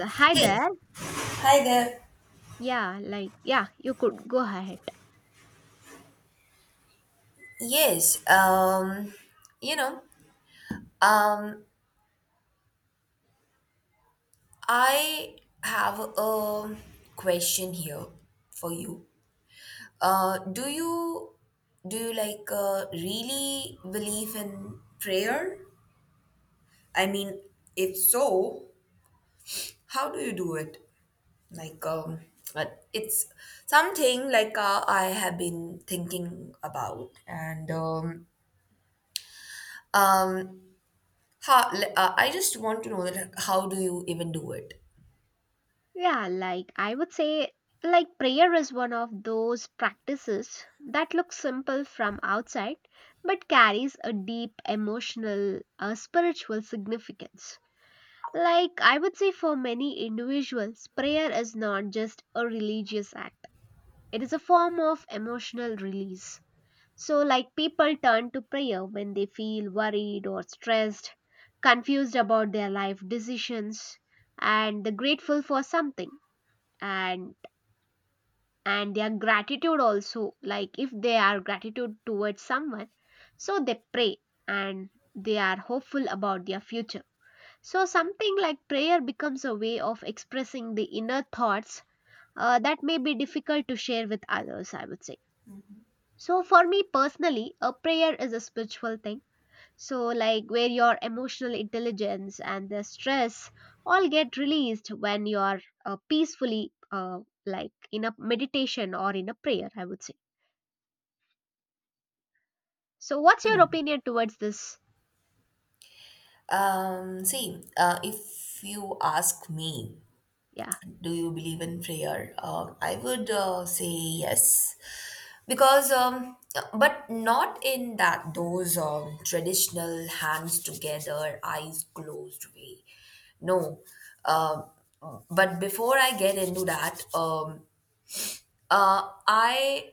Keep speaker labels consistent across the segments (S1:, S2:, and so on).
S1: Hi
S2: Hey,
S1: there.
S2: hi there.
S1: Yeah, like, yeah, you could go ahead.
S2: Yes, um, you know, um, I have a question here for you. Do you do you really believe in prayer? I mean, if so, how do you do it? Like, um, but it's something like I have been thinking about, and um, I just want to know that how do you even do it?
S1: Yeah, like, I would say, like, prayer is one of those practices that looks simple from outside but carries a deep emotional, spiritual significance. Like, I would say, for many individuals, prayer is not just a religious act, it is a form of emotional release. So, like, people turn to prayer when they feel worried or stressed, confused about their life decisions, and they're grateful for something. And and their gratitude also, like if they are gratitude towards someone, so they pray and they are hopeful about their future. So something like prayer becomes a way of expressing the inner thoughts that may be difficult to share with others, I would say. So for me personally, a prayer is a spiritual thing. So, like, where your emotional intelligence and the stress all get released when you're peacefully, like in a meditation or in a prayer, I would say. So, what's your opinion towards this?
S2: See, if you ask me,
S1: Yeah,
S2: do you believe in prayer? I would say yes, because but not in that those traditional hands together, eyes closed way. No, um, but before I get into that, I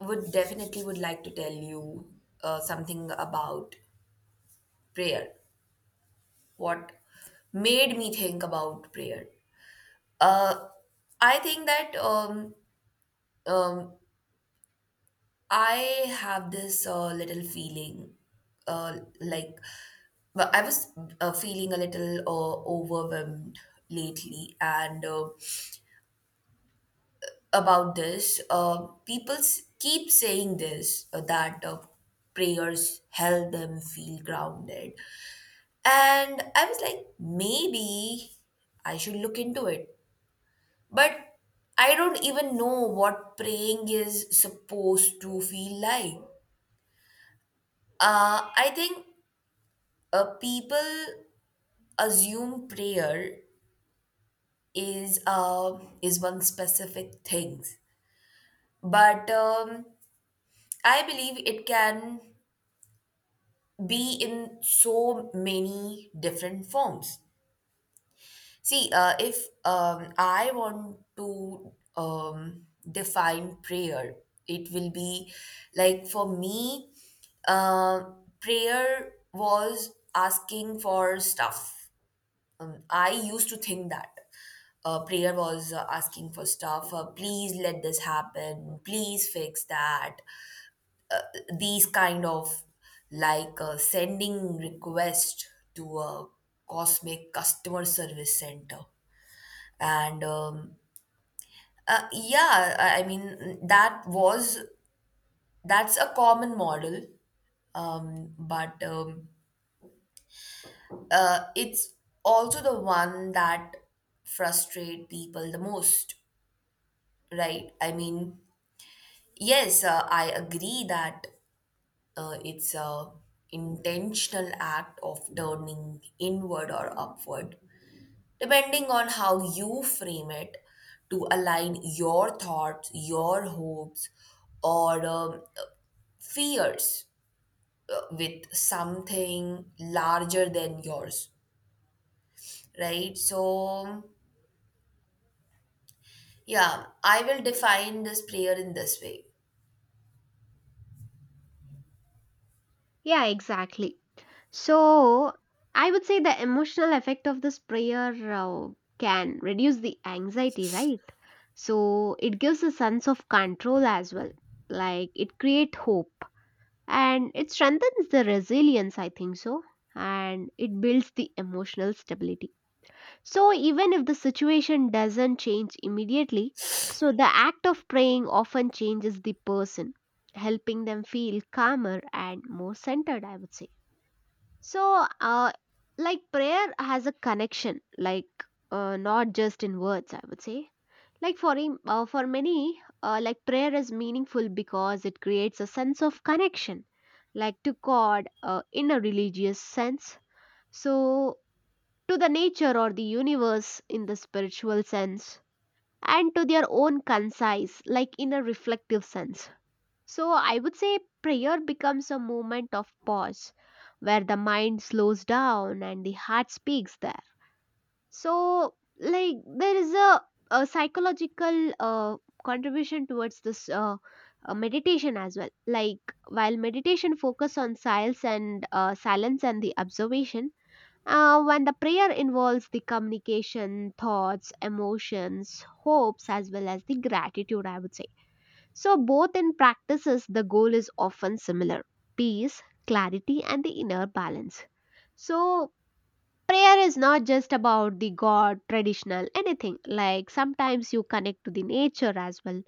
S2: would definitely would like to tell you something about prayer, what made me think about prayer. Uh I think that um I have this little feeling, like but I was feeling a little overwhelmed lately, and about this. People keep saying this, that prayers help them feel grounded, and I was like, maybe I should look into it. But I don't even know what praying is supposed to feel like. I think people assume prayer is one specific thing, but I believe it can be in so many different forms. See, if I want to define prayer, it will be like, for me, uh, prayer was asking for stuff. I used to think that. Prayer was asking for stuff. Please let this happen. Please fix that. Uh, these kind of, like, sending request to a cosmic customer service center. And Yeah, I mean, that was, that's a common model. But it's also the one that frustrate people the most, right? I mean, yes, I agree that it's a intentional act of turning inward or upward, depending on how you frame it, to align your thoughts, your hopes, or fears with something larger than yours, right? So, yeah, I will define this prayer in this way.
S1: yeah, exactly. So, I would say the emotional effect of this prayer can reduce the anxiety, right? So, it gives a sense of control as well. Like, it creates hope and it strengthens the resilience, I think so, and it builds the emotional stability. So even if the situation doesn't change immediately, so the act of praying often changes the person, helping them feel calmer and more centered, I would say. So uh, like prayer has a connection, like not just in words, I would say. Like for many, like prayer is meaningful because it creates a sense of connection, like to god, in a religious sense, so to the nature or the universe in the spiritual sense, and to their own concise, like in a reflective sense. So I would say prayer becomes a moment of pause where the mind slows down and the heart speaks there. So like there is a psychological contribution towards this, meditation as well. Like while meditation focus on silence and the observation, when the prayer involves the communication, thoughts, emotions, hopes, as well as the gratitude, I would say. So both in practices the goal is often similar: peace, clarity, and the inner balance. So prayer is not just about the god traditional anything, like sometimes you connect to the nature as well,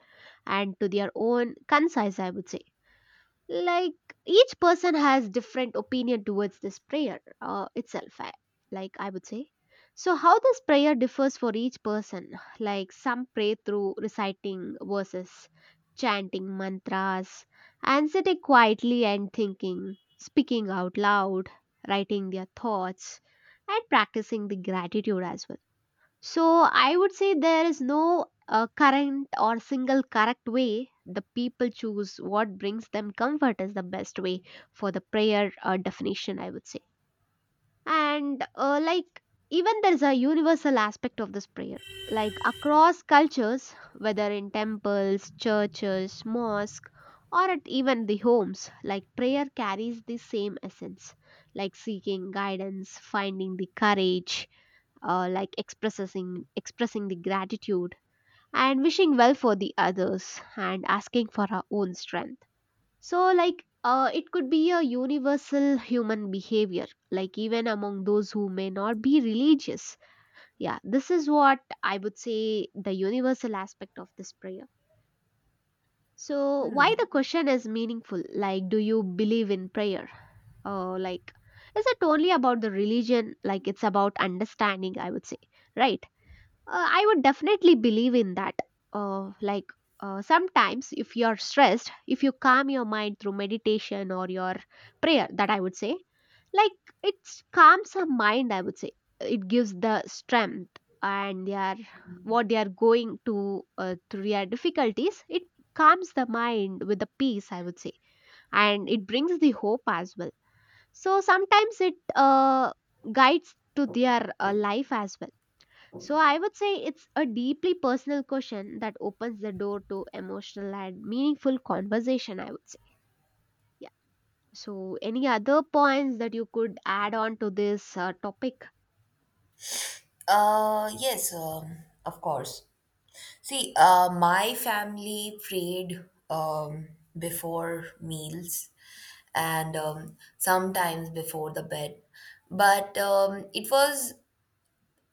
S1: and to their own concise, I would say. Like, each person has different opinion towards this prayer itself. Like, I would say, so how this prayer differs for each person. Like some pray through reciting verses, chanting mantras, and sitting quietly and thinking, speaking out loud, writing their thoughts, and practicing the gratitude as well. So I would say there is no current or single correct way. The people choose what brings them comfort is the best way for the prayer definition, I would say. And like, even there is a universal aspect of this prayer. Like across cultures, whether in temples, churches, mosque, or at even the homes, like prayer carries the same essence, like seeking guidance, finding the courage, like expressing the gratitude, and wishing well for the others, and asking for our own strength. So like it could be a universal human behavior, like even among those who may not be religious. Yeah, this is what I would say, the universal aspect of this prayer. So why the question is meaningful, like, do you believe in prayer, or like, is it only about the religion? Like, it's about understanding, I would say. Right, I would definitely believe in that. Like, sometimes, if you're stressed, if you calm your mind through meditation or your prayer, that I would say, like, it calms the mind. I would say it gives the strength, and they are what they are going to through their difficulties. It calms the mind with the peace, I would say, and it brings the hope as well. So sometimes it guides to their life as well. So I would say it's a deeply personal question that opens the door to emotional and meaningful conversation, I would say. Yeah. So any other points that you could add on to this topic?
S2: Yes, of course. See, my family prayed um, before meals and sometimes before the bed, but it was,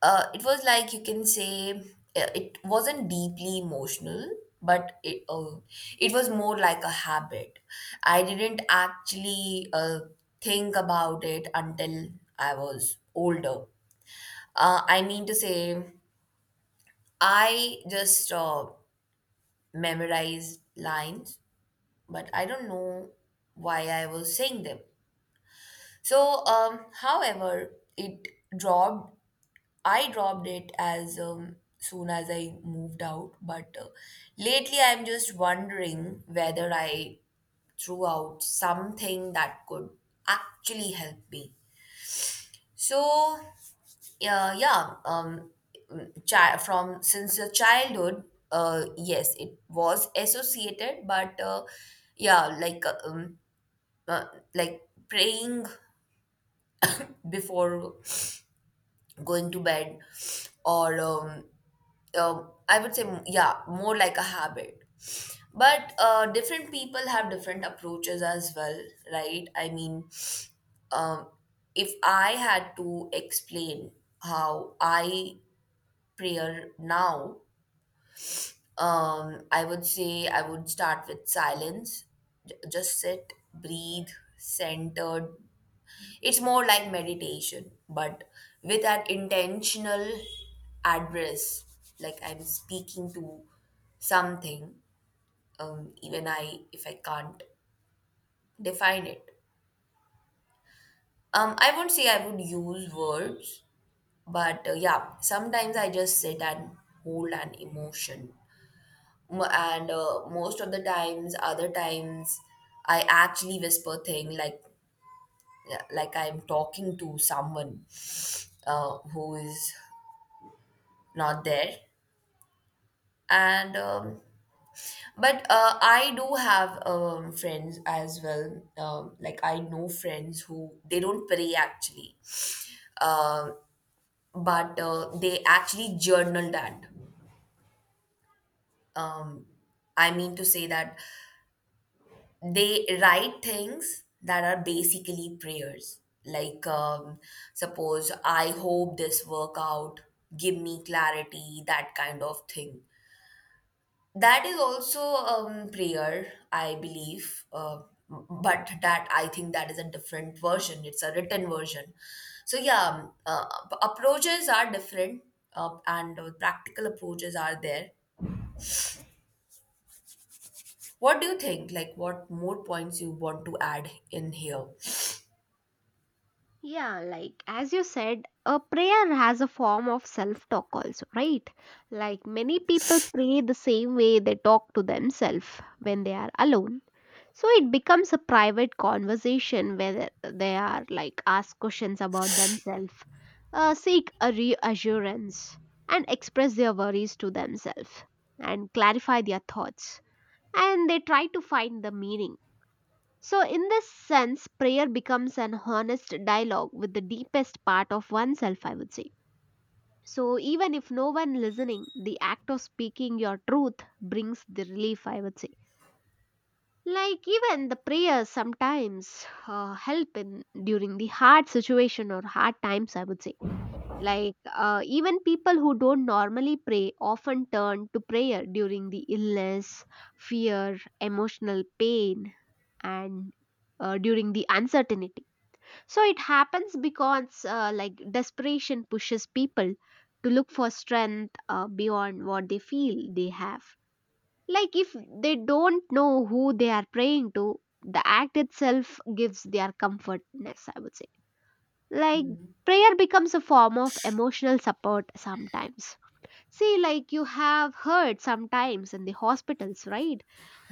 S2: it was like, you can say, it wasn't deeply emotional, but it was more like a habit. I didn't actually think about it until I was older. I mean to say, I just memorized lines, but I don't know why I was saying them. However, it dropped I dropped it as soon as I moved out, but lately I'm just wondering whether I threw out something that could actually help me. So, yeah, from since your childhood, yes, it was associated, but yeah, like uh, um, uh, like praying before going to bed or, I would say, yeah, more like a habit. But different people have different approaches as well, right? I mean, um, if I had to explain how I pray now, I would say I would start with silence. Just sit, breathe, centered. It's more like meditation, but with an intentional address, like I'm speaking to something, even I if I can't define it. I won't say I would use words, but yeah, sometimes I just sit and hold an emotion. M- and Most of the times, other times, I actually whisper thing, like I'm talking to someone who is not there. And but I do have friends as well. Like, I know friends who they don't pray actually. Um, but They actually journal that. Um, I mean to say that they write things that are basically prayers. Suppose, I hope this work out, give me clarity, that kind of thing. That is also prayer, I believe. But that I think that is a different version. It's a written version. So yeah, approaches are different, and practical approaches are there. What do you think? Like, what more points you want to add in here?
S1: Yeah, like as you said, a prayer has a form of self talk also, right? Like many people pray the same way they talk to themselves when they are alone. So it becomes a private conversation where they are like ask questions about themselves, seek a reassurance, and express their worries to themselves and clarify their thoughts. And they try to find the meaning. So, in this sense, prayer becomes an honest dialogue with the deepest part of oneself, I would say. So, even if no one listening, the act of speaking your truth brings the relief, I would say. Like, even the prayers sometimes help in during the hard situation or hard times, I would say. Like, even people who don't normally pray often turn to prayer during the illness, fear, emotional pain, and during the uncertainty. So it happens because like desperation pushes people to look for strength beyond what they feel they have. Like if they don't know who they are praying to, the act itself gives their comfortness, I would say. Like
S2: Hmm.
S1: prayer becomes a form of emotional support sometimes. See, like you have heard sometimes in the hospitals, right?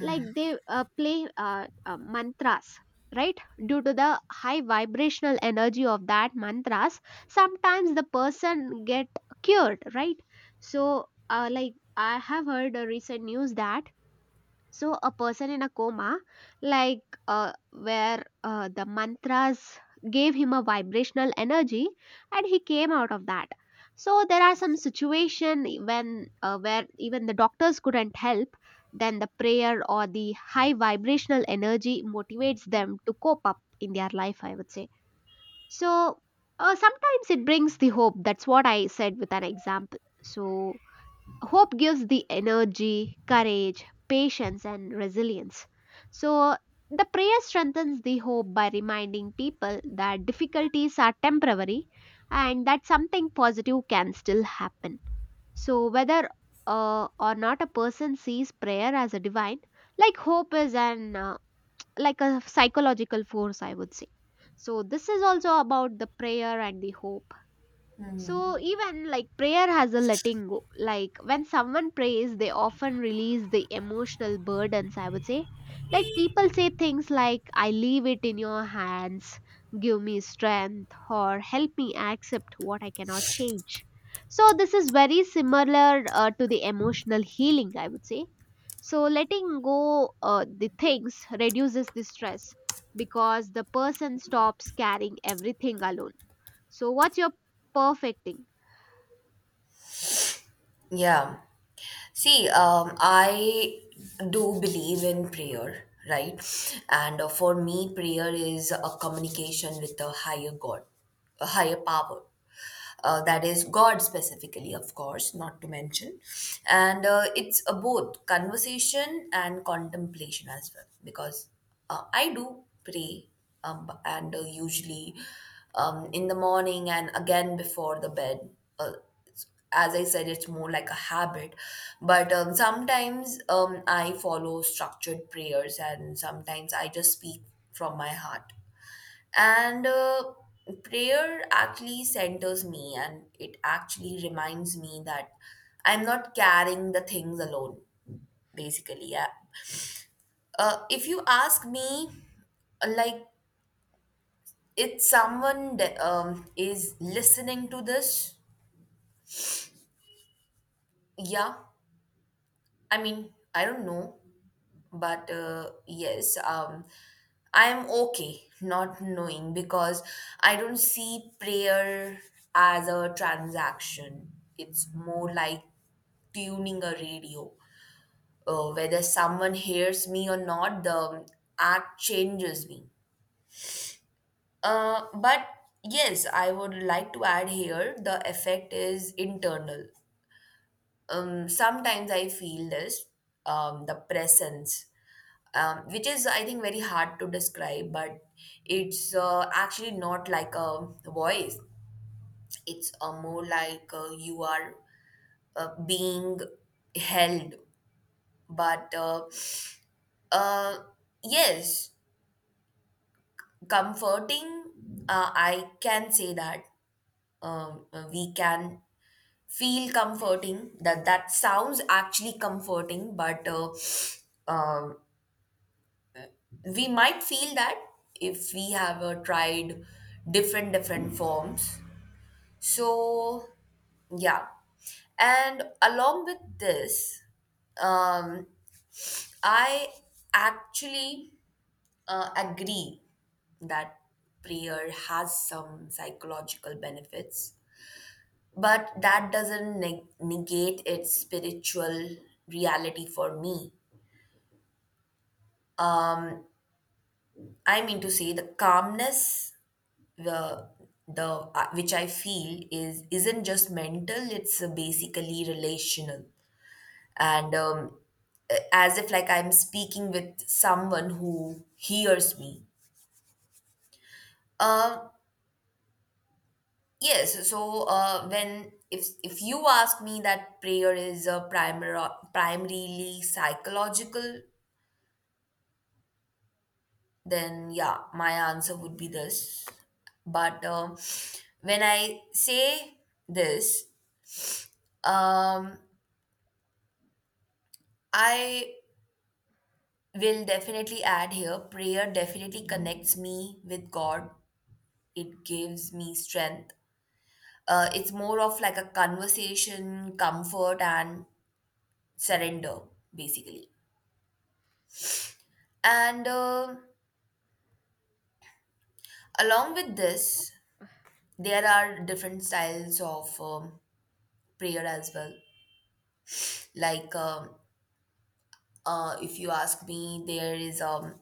S1: Like they play mantras, right? Due to the high vibrational energy of that mantras, sometimes the person get cured, right? So, like I have heard a recent news that, so a person in a coma, like where the mantras gave him a vibrational energy and he came out of that. So there are some situation when where even the doctors couldn't help, then the prayer or the high vibrational energy motivates them to cope up in their life, I would say. So sometimes it brings the hope, that's what I said with an example. So hope gives the energy, courage, patience, and resilience. So, the prayer strengthens the hope by reminding people that difficulties are temporary and that something positive can still happen. So, whether or not a person sees prayer as a divine, like hope is an like a psychological force, I would say. So, this is also about the prayer and the hope. So even like prayer has a letting go. Like when someone prays, they often release the emotional burdens, I would say. Like people say things like, I leave it in your hands, give me strength, or help me accept what I cannot change. So this is very similar to the emotional healing, I would say. So letting go the things reduces the stress because the person stops carrying everything alone. So, what's your perfecting?
S2: Yeah. See, I do believe in prayer, right? And for me, prayer is a communication with a higher God, a higher power. That is God specifically, of course, not to mention. And it's a both conversation and contemplation as well, because I do pray, and usually in the morning and again before the bed. Uh, as I said, it's more like a habit. But sometimes I follow structured prayers and sometimes I just speak from my heart. And prayer actually centers me, and it actually reminds me that I'm not carrying the things alone, basically. Yeah. If you ask me, uh, like, if someone that, is listening to this, yeah, I mean, I don't know, but yes, I'm okay not knowing, because I don't see prayer as a transaction. It's more like tuning a radio. Whether someone hears me or not, the act changes me. But yes, I would like to add here, the effect is internal. Sometimes I feel this the presence, which is, I think, very hard to describe, but it's actually not like a voice. It's more like you are being held, but uh, yes, comforting. I can say that we can feel comforting. That that sounds actually comforting, but. Um, we might feel that if we have tried different forms. So yeah. And along with this um, I actually agree that prayer has some psychological benefits, but that doesn't negate its spiritual reality for me. um, I mean to say the calmness, the the, which I feel, is isn't just mental; it's basically relational, and, as if like I'm speaking with someone who hears me. Um, yes. So when if you ask me that prayer is a primary primarily psychological, then yeah, my answer would be this. But when I say this, um, I will definitely add here, prayer definitely connects me with God. It gives me strength. It's more of like a conversation, comfort, and surrender, basically. And along with this, there are different styles of prayer as well. like um, if you ask me, there is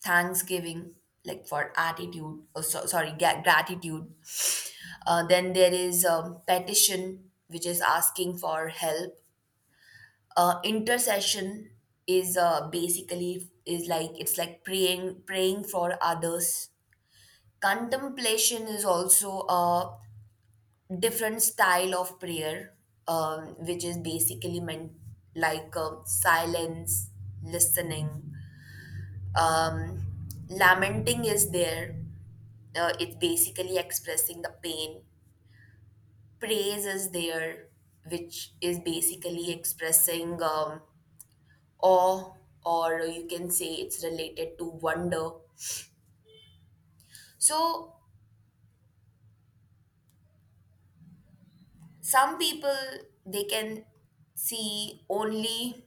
S2: thanksgiving, like for attitude or so, sorry, gratitude. Then there is petition, which is asking for help. Intercession is basically is like it's like praying for others. Contemplation is also a different style of prayer, which is basically meant like silence, listening. Um, Lamenting is there. It's basically expressing the pain. Praise is there, which is basically expressing awe, or you can say it's related to wonder. So, some people, they can see only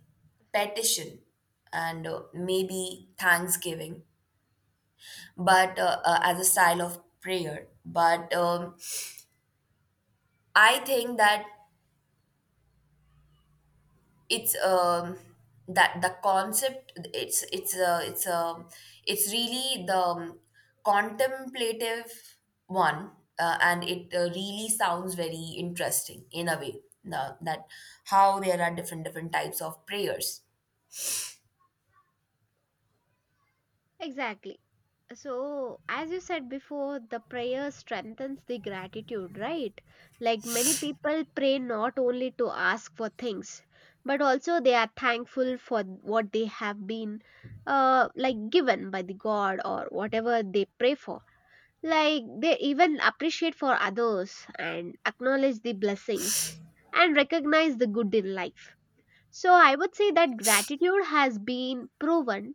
S2: petition and maybe thanksgiving, but as a style of prayer. But I think that it's that the concept, it's really the contemplative one. And it really sounds very interesting in a way now that how there are different types of prayers.
S1: Exactly. So, as you said before, the prayer strengthens the gratitude, right? Like many people pray not only to ask for things, but also they are thankful for what they have been like given by the god or whatever they pray for. Like they even appreciate for others and acknowledge the blessings and recognize the good in life. So I would say that gratitude has been proven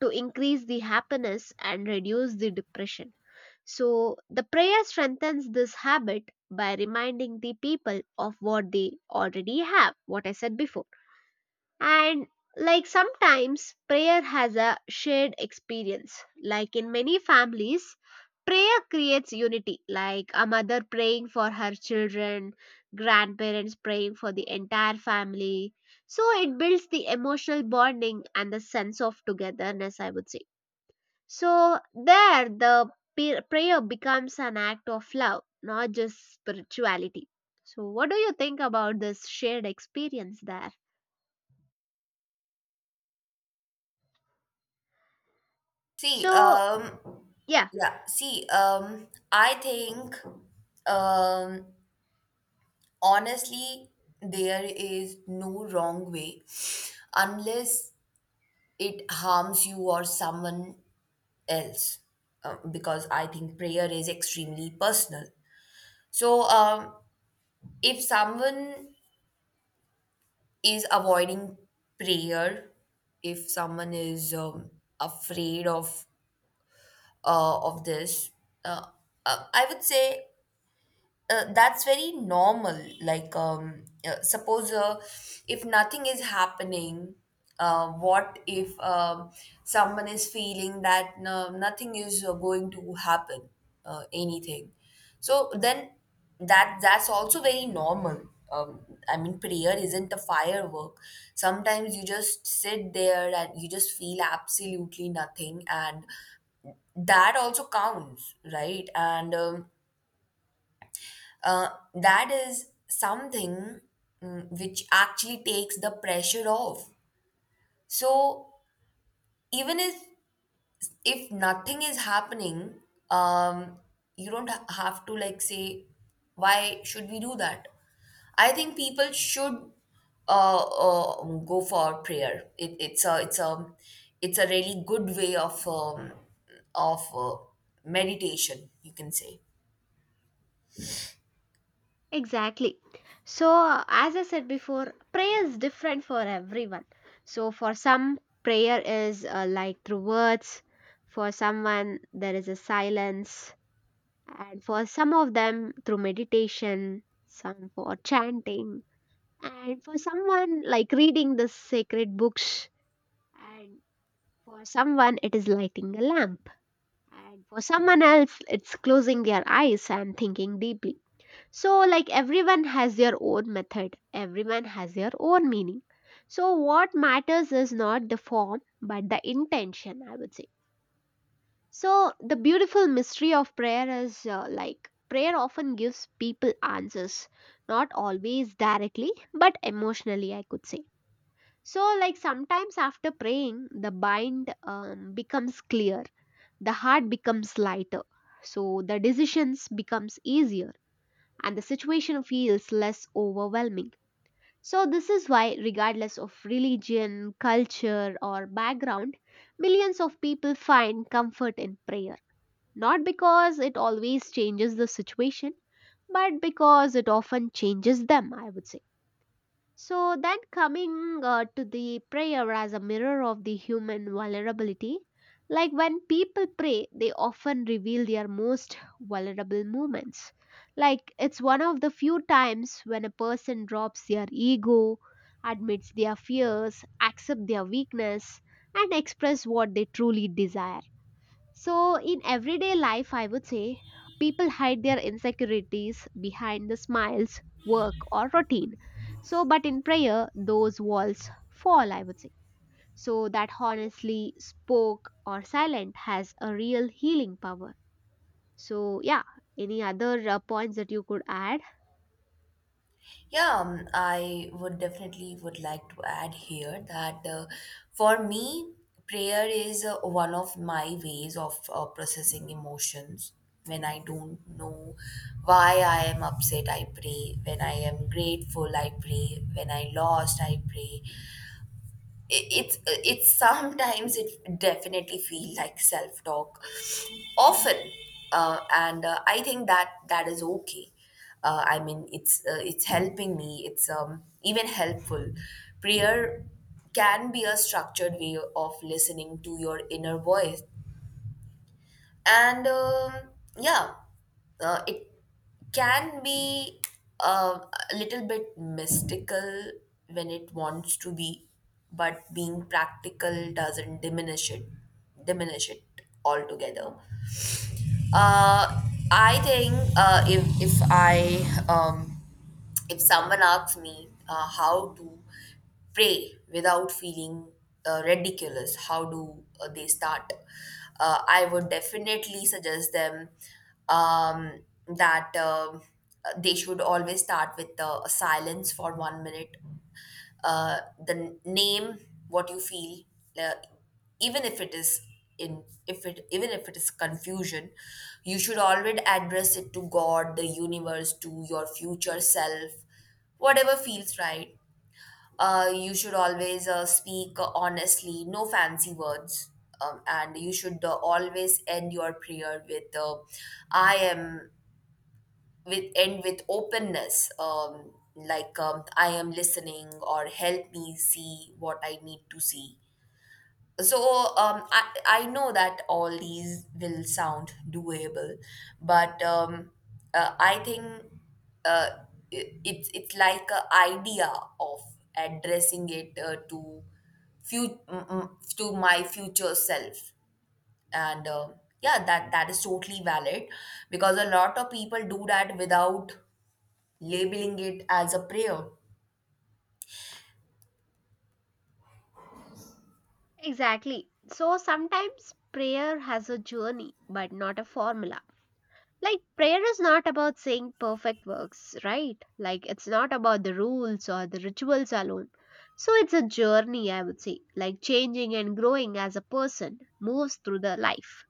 S1: to increase the happiness and reduce the depression. So, the prayer strengthens this habit by reminding the people of what they already have, what I said before. And like sometimes prayer has a shared experience. Like in many families, prayer creates unity, like a mother praying for her children, grandparents praying for the entire family. So, it builds the emotional bonding and the sense of togetherness, I would say. So there the prayer becomes an act of love, not just spirituality. So what do you think about this shared experience there?
S2: See
S1: So yeah,
S2: yeah see I think um Honestly, there is no wrong way unless it harms you or someone else, because I think prayer is extremely personal. So, if someone is avoiding prayer, if someone is afraid of this, uh, I would say, that's very normal. Suppose if nothing is happening, what if someone is feeling that no, nothing is going to happen, anything? So then that that's also very normal. Um, I mean, prayer isn't a firework. Sometimes you just sit there and you just feel absolutely nothing, and that also counts, right? And uh, that is something, mm, which actually takes the pressure off. So even if nothing is happening, um, you don't have to like say, why should we do that? I think people should uh, uh, go for prayer. It, it's a it's a it's a really good way of of uh, meditation, you can say.
S1: exactly. So as I said before, prayer is different for everyone. So for some, prayer is like through words, for someone there is a silence, and for some of them through meditation, some for chanting, and for someone like reading the sacred books, and for someone it is lighting a lamp, and for someone else it's closing their eyes and thinking deeply. So like everyone has their own method, everyone has their own meaning. So what matters is not the form but the intention, I would say. So the beautiful mystery of prayer is, like prayer often gives people answers, not always directly but emotionally, I could say. So, like sometimes after praying, the mind becomes clear, the heart becomes lighter, so the decisions becomes easier, and the situation feels less overwhelming. So, this is why, regardless of religion, culture, or background, millions of people find comfort in prayer. Not because it always changes the situation, but because it often changes them, I would say. So then coming to the prayer as a mirror of the human vulnerability, like when people pray, they often reveal their most vulnerable moments. Like it's one of the few times when a person drops their ego, admits their fears, accept their weakness, and express what they truly desire. So, in everyday life, I would say, people hide their insecurities behind the smiles, work, or routine. So, but in prayer, those walls fall, I would say. So, that honestly spoke or silent has a real healing power. So, yeah, any other points that you could add?
S2: Yeah, I would definitely would like to add here that for me, prayer is one of my ways of processing emotions. When I don't know why I am upset, I pray. When I am grateful, I pray. When I lost, I pray. It- it's Sometimes it definitely feel like self talk often, and I think that that is okay. I mean, it's helping me, it's even helpful. Prayer can be a structured way of listening to your inner voice, and yeah, it can be uh, a little bit mystical when it wants to be, but being practical doesn't diminish it altogether. uh, I think if I if someone asks me how to pray without feeling ridiculous, how do they start? I would definitely suggest them that they should always start with a silence for 1 minute. uh, the name what you feel, uh, even if it is in if it even if it is confusion, you should always address it to God, the universe, to your future self, whatever feels right. You should always speak honestly, no fancy words. And you should always end your prayer with, I am with end with openness, like, I am listening, or help me see what I need to see. So, I know that all these will sound doable, but I think uh, it, it's like a idea of addressing it to few mm, mm, to my future self, and yeah, that that is totally valid, because a lot of people do that without labeling it as a prayer.
S1: Exactly. So, sometimes prayer has a journey, but not a formula. Like, prayer is not about saying perfect works, right? Like, it's not about the rules or the rituals alone. So, it's a journey, I would say, like changing and growing as a person moves through the life.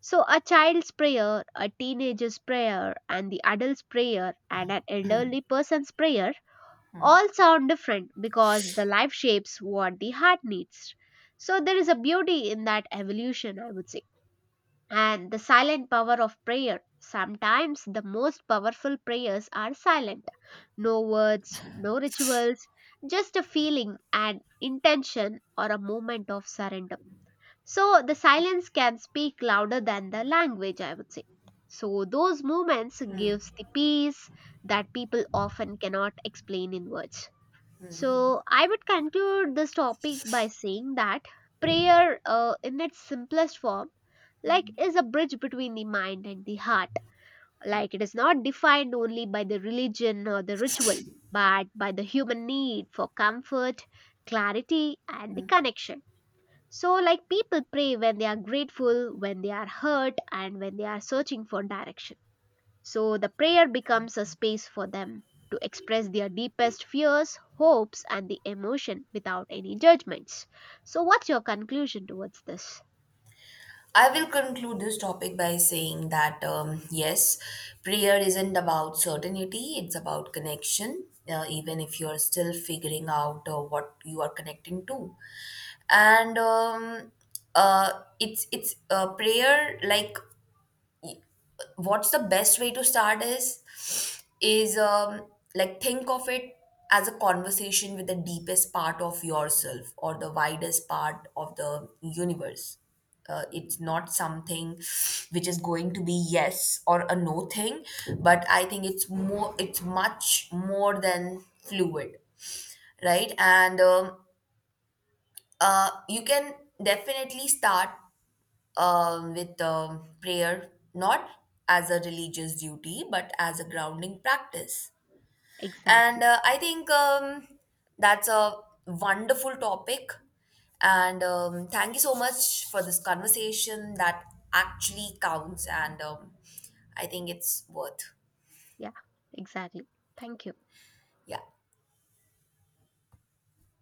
S1: So, a child's prayer, a teenager's prayer, and the adult's prayer, and an elderly person's prayer all sound different because the life shapes what the heart needs. So, there is a beauty in that evolution, I would say. And the silent power of prayer. Sometimes the most powerful prayers are silent. No words, no rituals, just a feeling, an intention, or a moment of surrender. So the silence can speak louder than the language, I would say. So those moments gives the peace that people often cannot explain in words. So, I would conclude this topic by saying that prayer, in its simplest form, like is a bridge between the mind and the heart. Like it is not defined only by the religion or the ritual, but by the human need for comfort, clarity, and the connection. So, like people pray when they are grateful, when they are hurt, and when they are searching for direction. So the prayer becomes a space for them to express their deepest fears, hopes, and the emotion without any judgments. So, what's your conclusion towards this?
S2: I will conclude this topic by saying that yes, prayer isn't about certainty, it's about connection, even if you're still figuring out what you are connecting to. And it's prayer, like, what's the best way to start is is um, like, think of it as a conversation with the deepest part of yourself or the widest part of the universe. It's not something which is going to be yes or a no thing, but I think it's more, it's much more than fluid, right? and You can definitely start with prayer, not as a religious duty, but as a grounding practice. and
S1: Exactly.
S2: uh, I think, that's a wonderful topic, and thank you so much for this conversation that actually counts, and I think it's worth.
S1: Yeah, exactly. Thank you.
S2: Yeah.